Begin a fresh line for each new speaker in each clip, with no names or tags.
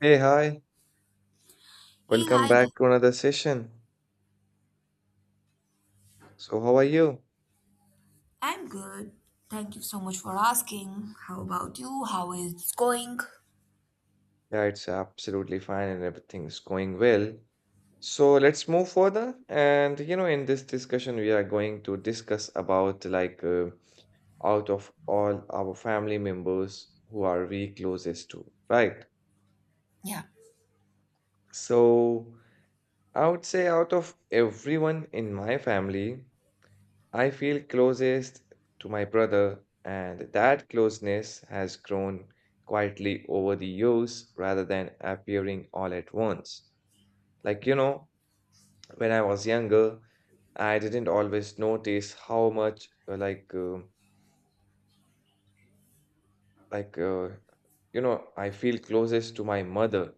Hey, hi.
Hey,
Welcome
hi there.
back to another session. So, how are you?
I'm good. Thank you so much for asking. How about you? How is it's going?
Yeah, it's absolutely fine and everything's going well. So, let's move further. And, you know, in this discussion, we are going to discuss about out of all our family members, who are we closest to, right?
Yeah.
So, I would say out of everyone in my family, I feel closest to my brother, and that closeness has grown quietly over the years rather than appearing all at once. Like, you know, when I was younger, I didn't always notice how much, like you know I feel closest to my mother,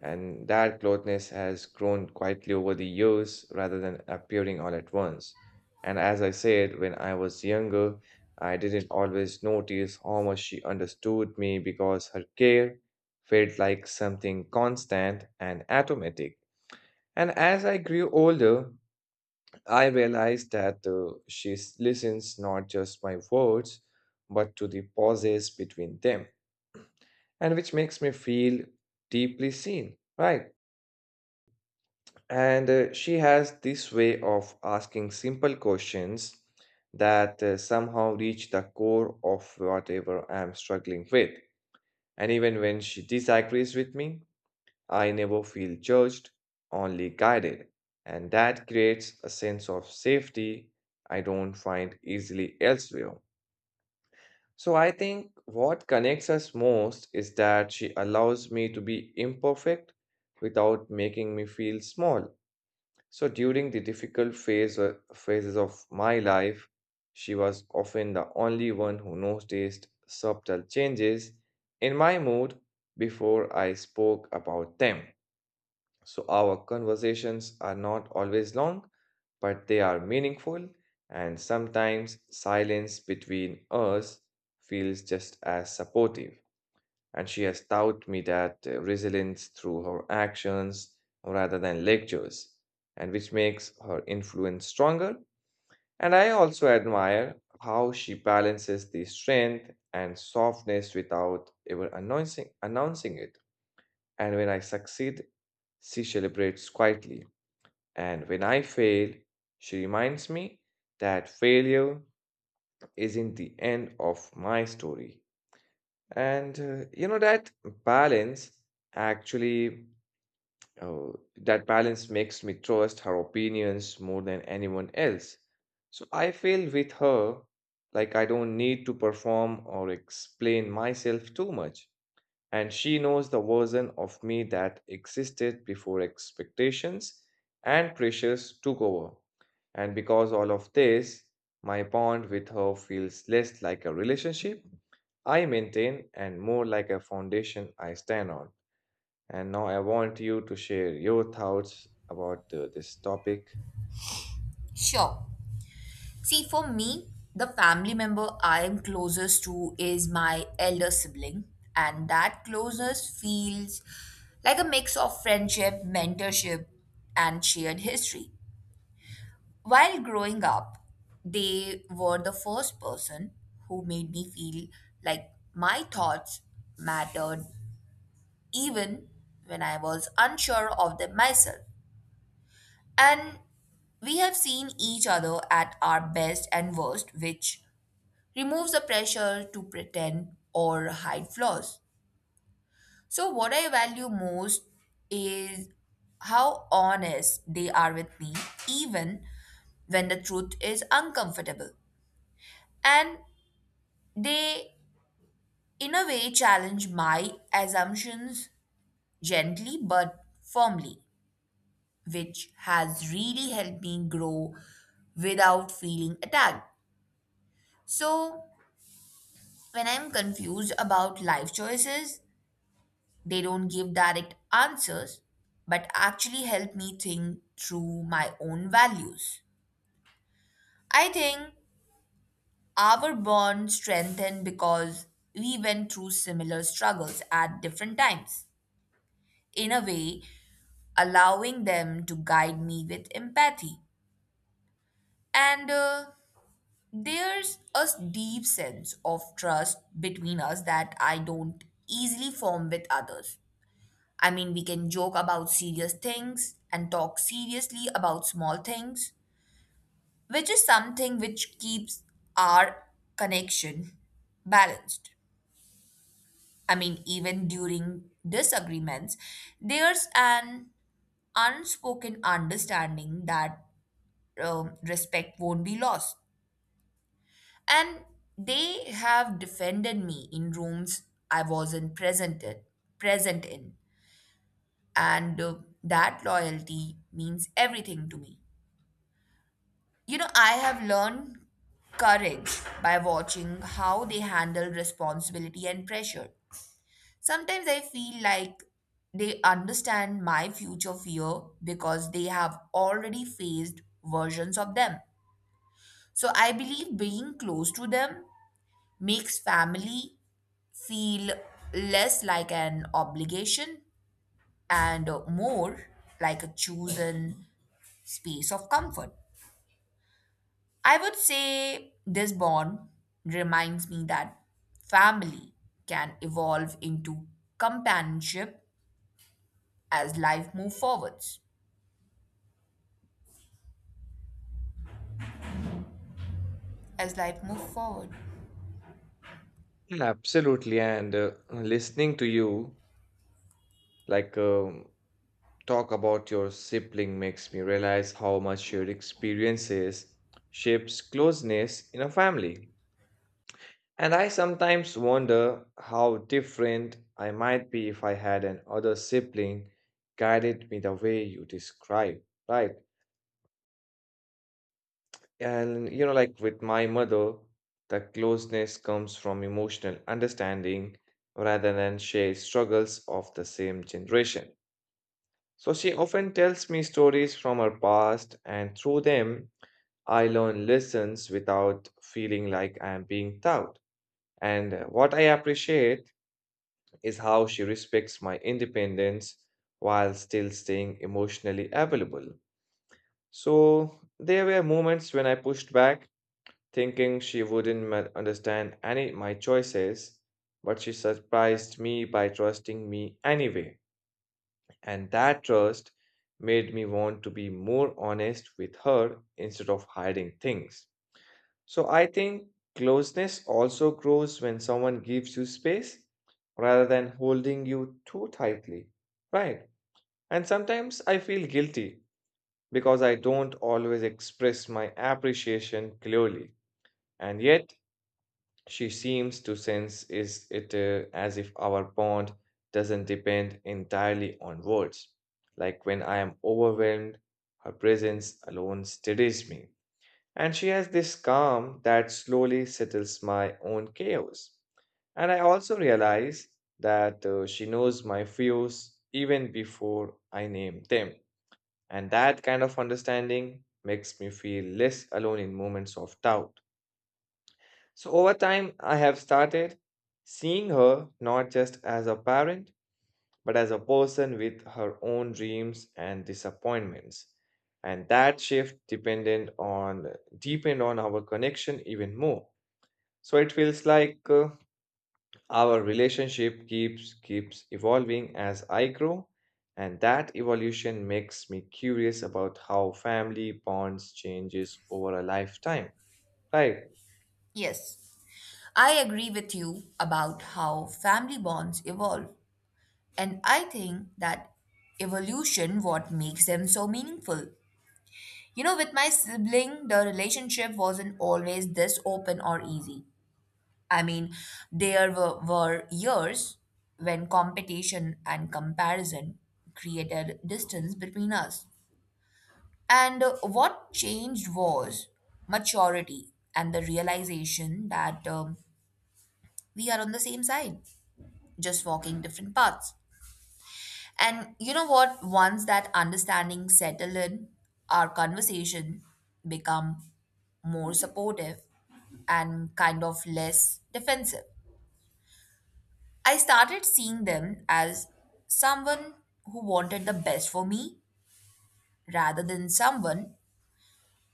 and that closeness has grown quietly over the years rather than appearing all at once. And as I said, when I was younger, I didn't always notice how much she understood me, because her care felt like something constant and automatic. And as I grew older, I realized that she listens not just my words, but to the pauses between them, and which makes me feel deeply seen, right? And she has this way of asking simple questions that somehow reach the core of whatever I'm struggling with. And even when she disagrees with me, I never feel judged, only guided. And that creates a sense of safety I don't find easily elsewhere. So I think what connects us most is that she allows me to be imperfect without making me feel small. So during the phases of my life, she was often the only one who noticed subtle changes in my mood before I spoke about them. So our conversations are not always long, but they are meaningful, and sometimes silence between us feels just as supportive. And she has taught me that resilience through her actions rather than lectures, and which makes her influence stronger. And I also admire how she balances the strength and softness without ever announcing it. And when I succeed, she celebrates quietly, and when I fail, she reminds me that failure isn't the end of my story. And you know, that balance actually, uh, that balance makes me trust her opinions more than anyone else. So I feel with her like I don't need to perform or explain myself too much, and she knows the version of me that existed before expectations and pressures took over. And because all of this, my bond with her feels less like a relationship I maintain and more like a foundation I stand on. And now I want you to share your thoughts about this topic.
Sure. See, for me, the family member I am closest to is my elder sibling, and that closeness feels like a mix of friendship, mentorship, and shared history. While growing up, they were the first person who made me feel like my thoughts mattered even when I was unsure of them myself. And we have seen each other at our best and worst, which removes the pressure to pretend or hide flaws. So what I value most is how honest they are with me, even when the truth is uncomfortable. And they, in a way, challenge my assumptions gently but firmly, which has really helped me grow without feeling attacked. So when I'm confused about life choices, they don't give direct answers, but actually help me think through my own values. I think our bond strengthened because we went through similar struggles at different times, in a way allowing them to guide me with empathy. And There's a deep sense of trust between us that I don't easily form with others. I mean, we can joke about serious things and talk seriously about small things, which is something which keeps our connection balanced. I mean, even during disagreements, there's an unspoken understanding that respect won't be lost. And they have defended me in rooms I wasn't present in, present in. And That loyalty means everything to me. You know, I have learned courage by watching how they handle responsibility and pressure. Sometimes I feel like they understand my future fear because they have already faced versions of them. So I believe being close to them makes family feel less like an obligation and more like a chosen space of comfort. I would say this bond reminds me that family can evolve into companionship as life moves forwards. As life moves forward.
Yeah, absolutely, and listening to you, like um, talk about your sibling makes me realize how much your experiences shapes closeness in a family. And I sometimes wonder how different I might be if I had an other sibling guided me the way you describe, right? And you know, like with my mother, the closeness comes from emotional understanding rather than shared struggles of the same generation. So she often tells me stories from her past, and through them, I learn lessons without feeling like I am being taught. And what I appreciate is how she respects my independence while still staying emotionally available. So there were moments when I pushed back, thinking she wouldn't ma- understand any my choices, but she surprised me by trusting me anyway. And that trust made me want to be more honest with her instead of hiding things. So I think closeness also grows when someone gives you space rather than holding you too tightly. Right. And sometimes I feel guilty because I don't always express my appreciation clearly. And yet, she seems to sense is it as if our bond doesn't depend entirely on words. Like when I am overwhelmed, her presence alone steadies me. And she has this calm that slowly settles my own chaos. And I also realize that she knows my fears even before I name them. And that kind of understanding makes me feel less alone in moments of doubt. So, over time, I have started seeing her not just as a parent, but as a person with her own dreams and disappointments. And that shift depended on deepened on our connection even more. So it feels like our relationship keeps evolving as I grow, and that evolution makes me curious about how family bonds changes over a lifetime. Right.
Yes, I agree with you about how family bonds evolve. And I think that evolution what makes them so meaningful. You know, with my sibling, the relationship wasn't always this open or easy. I mean, there were years when competition and comparison created distance between us. And What changed was maturity and the realization that we are on the same side, just walking different paths. And you know what? Once that understanding settle in, our conversation become more supportive and kind of less defensive. I started seeing them as someone who wanted the best for me rather than someone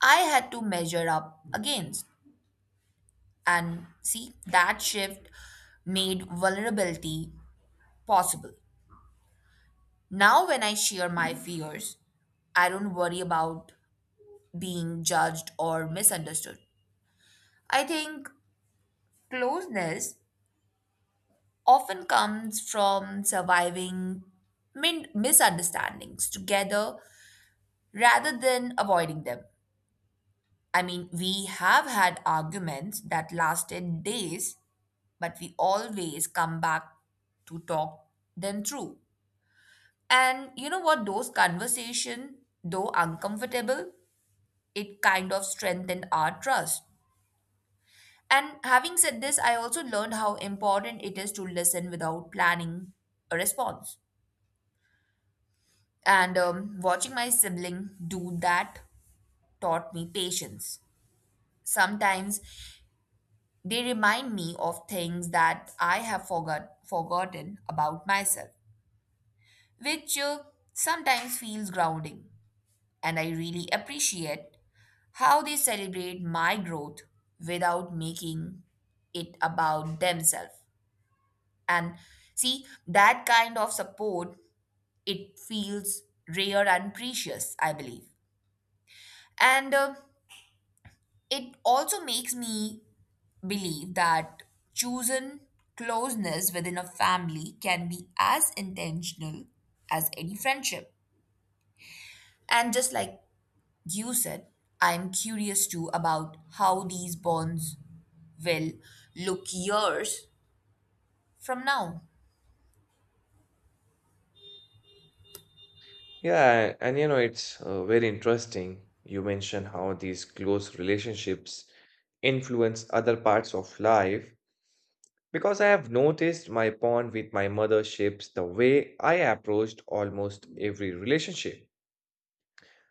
I had to measure up against. And see, that shift made vulnerability possible. Now, when I share my fears, I don't worry about being judged or misunderstood. I think closeness often comes from surviving misunderstandings together rather than avoiding them. I mean, we have had arguments that lasted days, but we always come back to talk them through. And you know what? Those conversations, though uncomfortable, it kind of strengthened our trust. And having said this, I also learned how important it is to listen without planning a response. And Watching my sibling do that taught me patience. Sometimes they remind me of things that I have forgotten about myself, which sometimes feels grounding. And I really appreciate how they celebrate my growth without making it about themselves. And see, that kind of support, it feels rare and precious, I believe. And It also makes me believe that chosen closeness within a family can be as intentional as any friendship. And just like you said, I'm curious too about how these bonds will look years from now.
Yeah, and you know, it's very interesting. You mentioned how these close relationships influence other parts of life, because I have noticed my bond with my mother shapes the way I approached almost every relationship.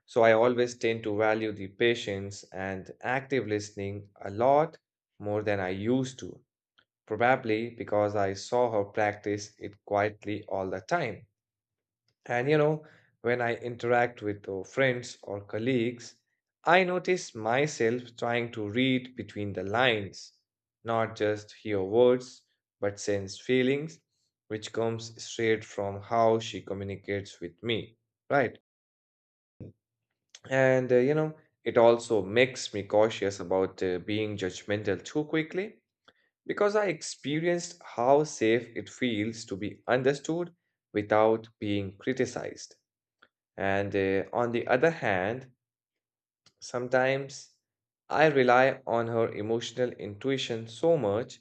So I always tend to value the patience and active listening a lot more than I used to, probably because I saw her practice it quietly all the time. And you know, when I interact with friends or colleagues, I notice myself trying to read between the lines, not just hear words, but sense feelings, which comes straight from how she communicates with me, right? And you know, it also makes me cautious about being judgmental too quickly, because I experienced how safe it feels to be understood without being criticized. And on the other hand, sometimes I rely on her emotional intuition so much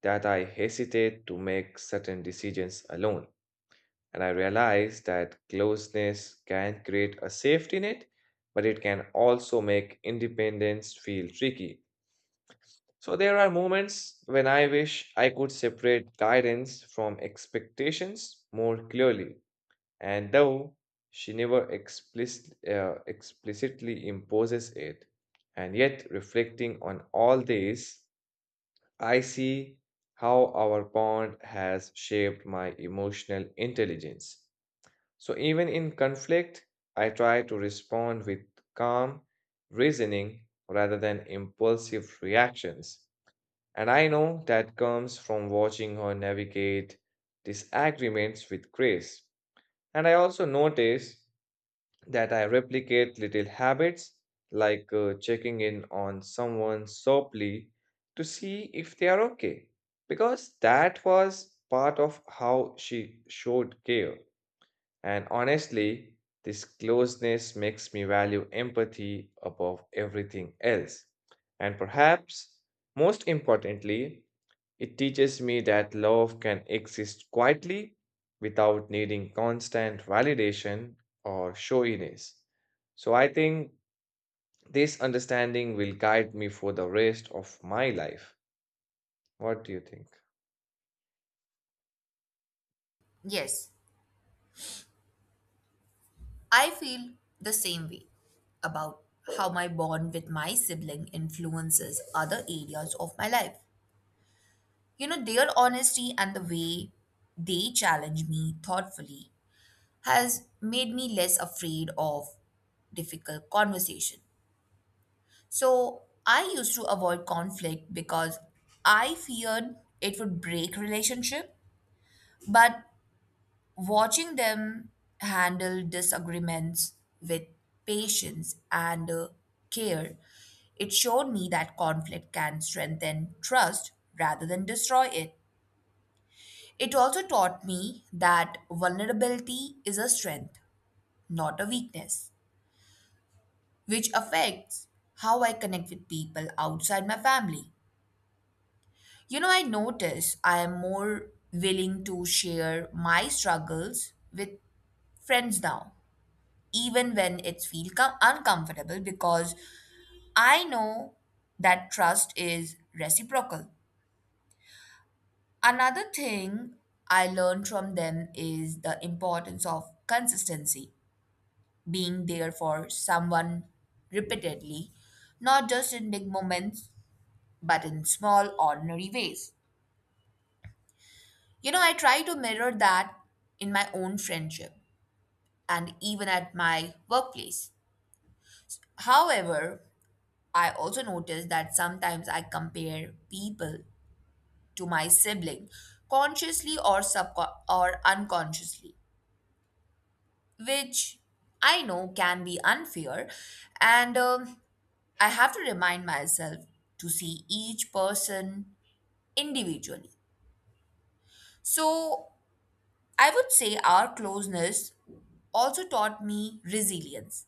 that I hesitate to make certain decisions alone. And I realize that closeness can create a safety net, but it can also make independence feel tricky. So there are moments when I wish I could separate guidance from expectations more clearly. And though she never explicit, explicitly imposes it, and yet reflecting on all this, I see how our bond has shaped my emotional intelligence. So even in conflict, I try to respond with calm reasoning rather than impulsive reactions. And I know that comes from watching her navigate disagreements with grace. And I also notice that I replicate little habits like checking in on someone softly to see if they are okay, because that was part of how she showed care. And honestly, this closeness makes me value empathy above everything else. And perhaps most importantly, it teaches me that love can exist quietly without needing constant validation or showiness. So I think this understanding will guide me for the rest of my life. What do you think?
Yes, I feel the same way about how my bond with my sibling influences other areas of my life. You know, their honesty and the way they challenge me thoughtfully has made me less afraid of difficult conversation. So I used to avoid conflict because I feared it would break relationship, but watching them handle disagreements with patience and care, it showed me that conflict can strengthen trust rather than destroy it. It also taught me that vulnerability is a strength, not a weakness, which affects how I connect with people outside my family. You know, I notice I am more willing to share my struggles with friends now even when it's feel uncomfortable because I know that trust is reciprocal. Another thing I learned from them is the importance of consistency, being there for someone repeatedly, not just in big moments but in small ordinary ways. You know, I try to mirror that in my own friendship and even at my workplace. However, I also notice that sometimes I compare people to my sibling consciously or unconsciously, which I know can be unfair, and I have to remind myself to see each person individually. So I would say our closeness also taught me resilience.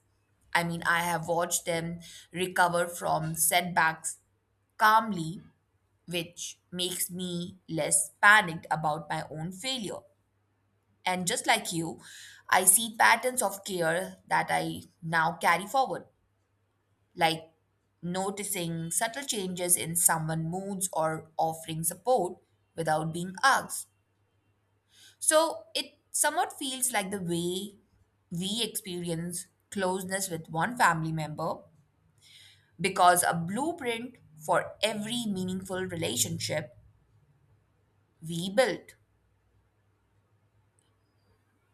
I mean, I have watched them recover from setbacks calmly, which makes me less panicked about my own failure. And just like you, I see patterns of care that I now carry forward, like noticing subtle changes in someone's moods or offering support without being asked. So it somewhat feels like the way we experience closeness with one family member because a blueprint for every meaningful relationship we build.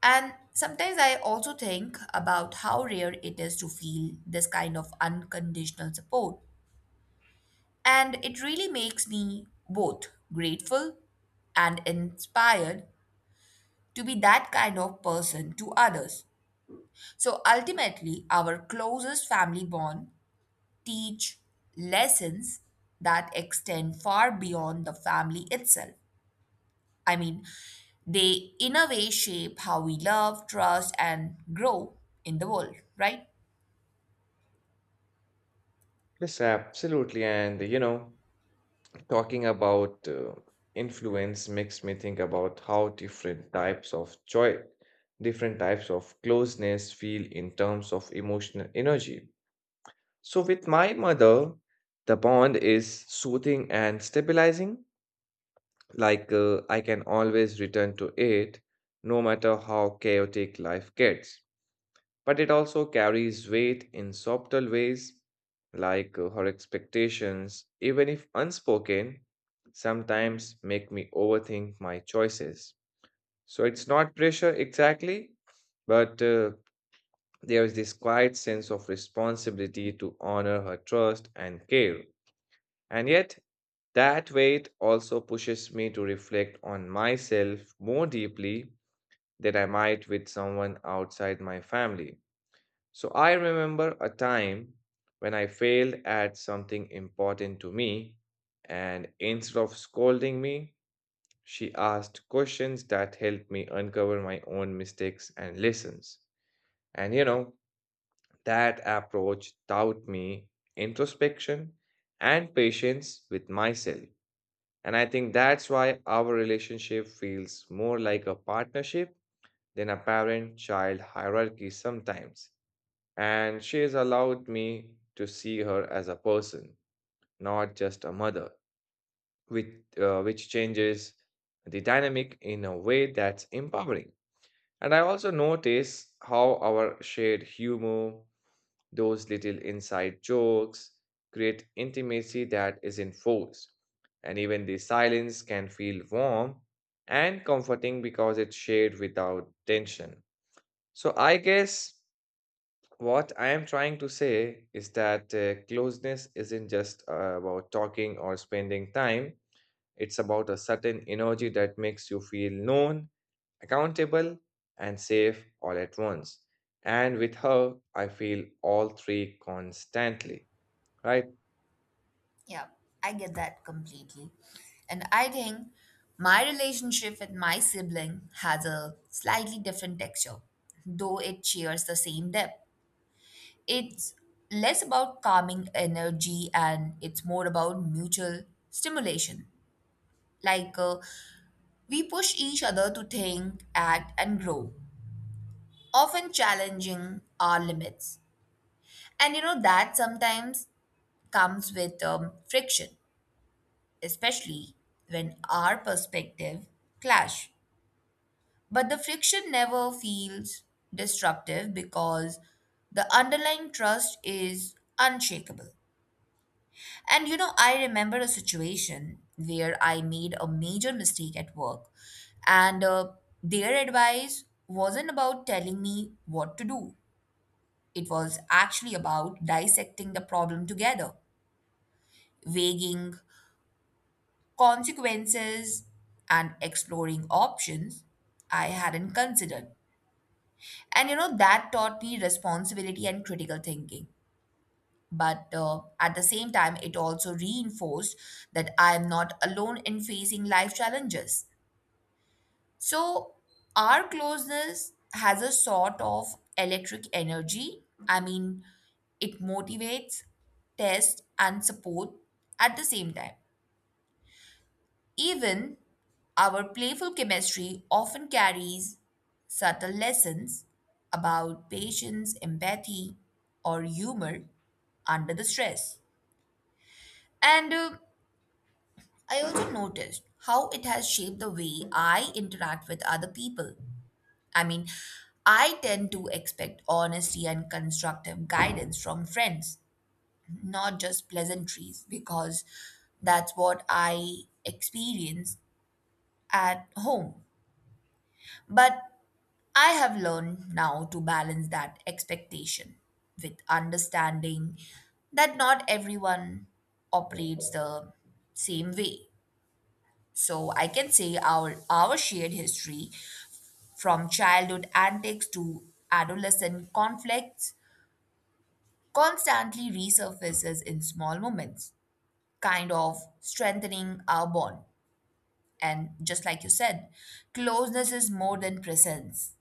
And sometimes I also think about how rare it is to feel this kind of unconditional support. And it really makes me both grateful and inspired to be that kind of person to others. So ultimately, our closest family bond teach lessons that extend far beyond the family itself. I mean, they in a way shape how we love, trust, and grow in the world, right?
Yes, absolutely. And you know, talking about influence makes me think about how different types of joy, different types of closeness feel in terms of emotional energy. So, with my mother, the bond is soothing and stabilizing. Like, I can always return to it no matter how chaotic life gets, but it also carries weight in subtle ways, like her expectations, even if unspoken, sometimes make me overthink my choices. So it's not pressure exactly, but there is this quiet sense of responsibility to honor her trust and care. And yet, that weight also pushes me to reflect on myself more deeply than I might with someone outside my family. So I remember a time when I failed at something important to me, and instead of scolding me, she asked questions that helped me uncover my own mistakes and lessons. And you know, that approach taught me introspection and patience with myself. And I think that's why our relationship feels more like a partnership than a parent child hierarchy sometimes. And she has allowed me to see her as a person, not just a mother, which, which changes the dynamic in a way that's empowering. And I also notice how our shared humor, those little inside jokes, create intimacy that isn't forced. And even the silence can feel warm and comforting because it's shared without tension. So I guess what I am trying to say is that closeness isn't just about talking or spending time. It's about a certain energy that makes you feel known, accountable, and safe all at once. And with her, I feel all three constantly, right?
Yeah, I get that completely. And I think my relationship with my sibling has a slightly different texture, though it shares the same depth. It's less about calming energy and it's more about mutual stimulation. Like uh, we push each other to think, act, and grow, often challenging our limits. And you know, that sometimes comes with friction, especially when our perspective clash. But the friction never feels destructive because the underlying trust is unshakable. And you know, I remember a situation where I made a major mistake at work, and their advice wasn't about telling me what to do. It was actually about dissecting the problem together, weighing consequences and exploring options I hadn't considered. And you know, that taught me responsibility and critical thinking. But at the same time, it also reinforced that I am not alone in facing life challenges. So our closeness has a sort of electric energy. I mean, it motivates, tests, and support at the same time. Even our playful chemistry often carries subtle lessons about patience, empathy, or humor under the stress. And I also noticed how it has shaped the way I interact with other people. I mean, I tend to expect honesty and constructive guidance from friends, not just pleasantries, because that's what I experience at home. But I have learned now to balance that expectation with understanding that not everyone operates the same way. So I can say our shared history, from childhood antics to adolescent conflicts, constantly resurfaces in small moments, kind of strengthening our bond. And just like you said, closeness is more than presence.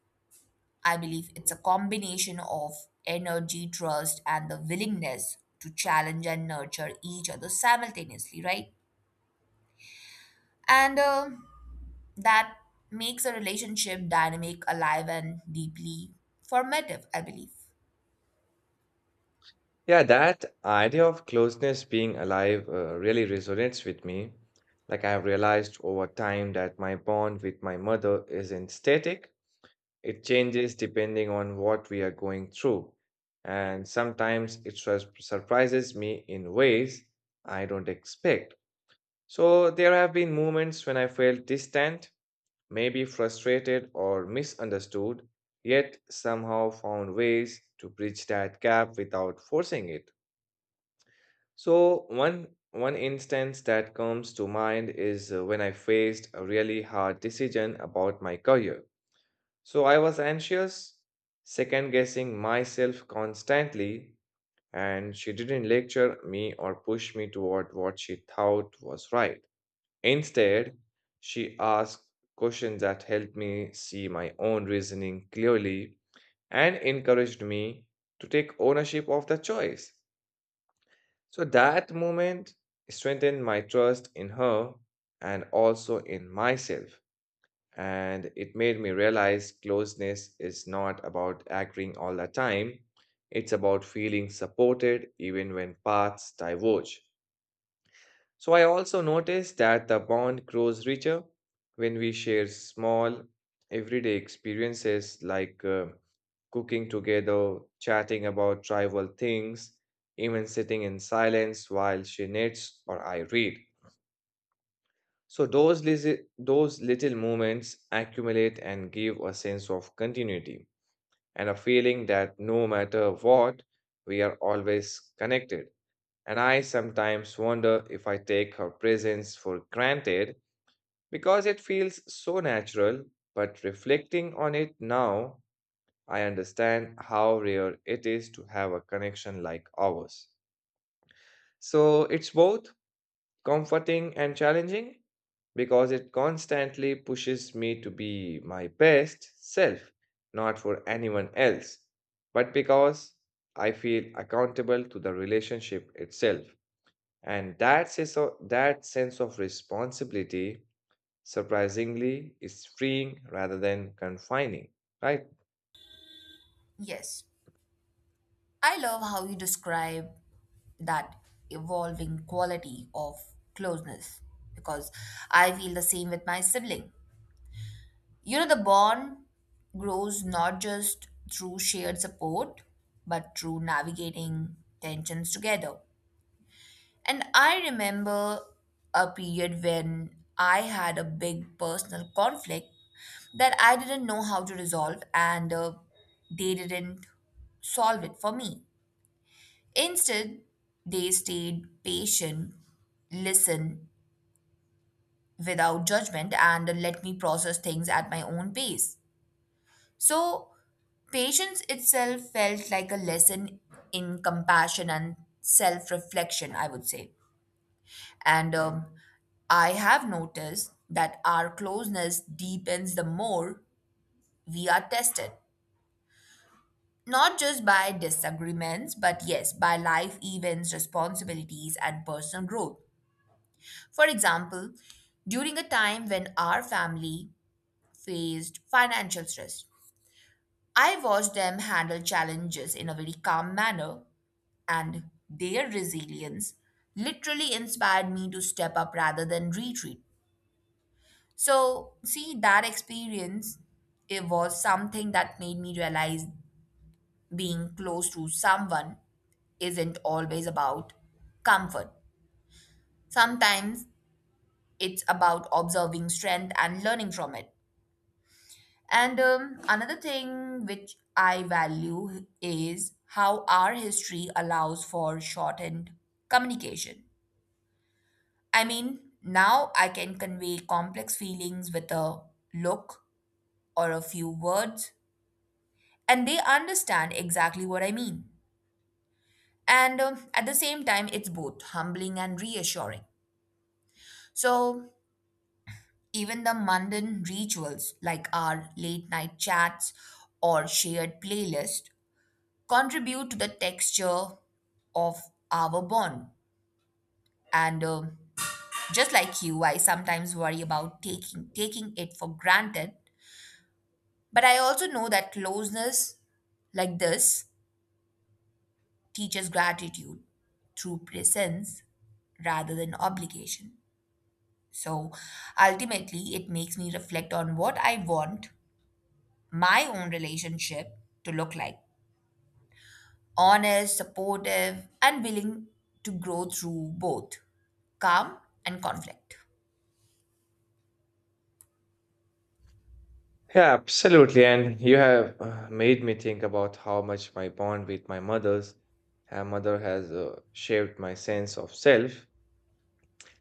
I believe it's a combination of energy, trust, and the willingness to challenge and nurture each other simultaneously, right? And That makes a relationship dynamic, alive, and deeply formative, I believe.
Yeah, that idea of closeness being alive really resonates with me. Like, I have realized over time that my bond with my mother isn't static. It changes depending on what we are going through, and sometimes surprises me in ways I don't expect. So, there have been moments when I felt distant, maybe frustrated or misunderstood, yet somehow found ways to bridge that gap without forcing it. So, one instance that comes to mind is when I faced a really hard decision about my career. So I was anxious, second guessing myself constantly, and she didn't lecture me or push me toward what she thought was right. Instead, she asked questions that helped me see my own reasoning clearly and encouraged me to take ownership of the choice. So that moment strengthened my trust in her and also in myself. And it made me realize closeness is not about agreeing all the time, it's about feeling supported even when paths diverge. So I also noticed that the bond grows richer when we share small, everyday experiences like cooking together, chatting about trivial things, even sitting in silence while she knits or I read. So those little moments accumulate and give a sense of continuity and a feeling that no matter what, we are always connected. And I sometimes wonder if I take her presence for granted because it feels so natural, but reflecting on it now, I understand how rare it is to have a connection like ours. So it's both comforting and challenging because it constantly pushes me to be my best self, not for anyone else, but because I feel accountable to the relationship itself. And that sense of responsibility, surprisingly, is freeing rather than confining, right?
Yes. I love how you describe that evolving quality of closeness because I feel the same with my sibling. You know, the bond grows not just through shared support, but through navigating tensions together. And I remember a period when I had a big personal conflict that I didn't know how to resolve, and they didn't solve it for me. Instead, they stayed patient, listened without judgment, and let me process things at my own pace. So patience itself felt like a lesson in compassion and self reflection, I would say. And I have noticed that our closeness deepens the more we are tested, not just by disagreements, but yes, by life events, responsibilities, and personal growth. For example, during a time when our family faced financial stress, I watched them handle challenges in a very calm manner and their resilience literally inspired me to step up rather than retreat. So, see, that experience, it was something that made me realize being close to someone isn't always about comfort. Sometimes it's about observing strength and learning from it. And Another thing which I value is how our history allows for shortened communication. I mean, now I can convey complex feelings with a look or a few words, and they understand exactly what I mean. And At the same time, it's both humbling and reassuring. So even the mundane rituals like our late night chats or shared playlist contribute to the texture of our bond. And Just like you, I sometimes worry about taking it for granted. But I also know that closeness like this teaches gratitude through presence rather than obligation. So ultimately, it makes me reflect on what I want my own relationship to look like: honest, supportive, and willing to grow through both calm and conflict.
Yeah, absolutely. And you have made me think about how much my bond with my mother's mother has shaped my sense of self.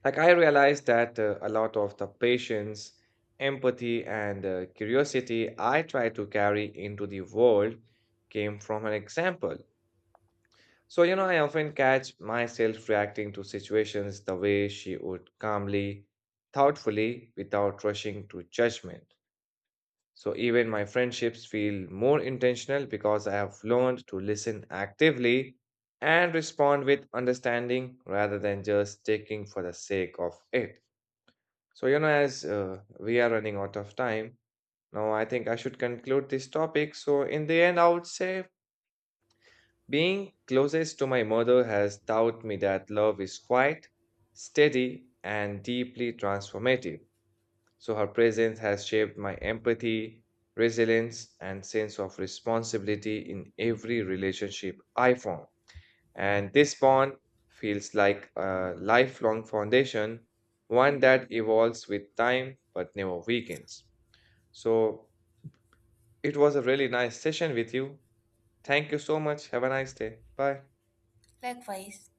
Like I realized that a lot of the patience, empathy, and curiosity I try to carry into the world came from an example. So, you know, I often catch myself reacting to situations the way she would calmly, thoughtfully, without rushing to judgment. So even my friendships feel more intentional because I have learned to listen actively and respond with understanding rather than just taking for the sake of it. So, you know, as we are running out of time, now I think I should conclude this topic. So, in the end, I would say being closest to my mother has taught me that love is quiet, steady, and deeply transformative. So her presence has shaped my empathy, resilience, and sense of responsibility in every relationship I form. And this bond feels like a lifelong foundation, one that evolves with time but never weakens. So it was a really nice session with you. Thank you so much. Have a nice day. Bye.
Likewise.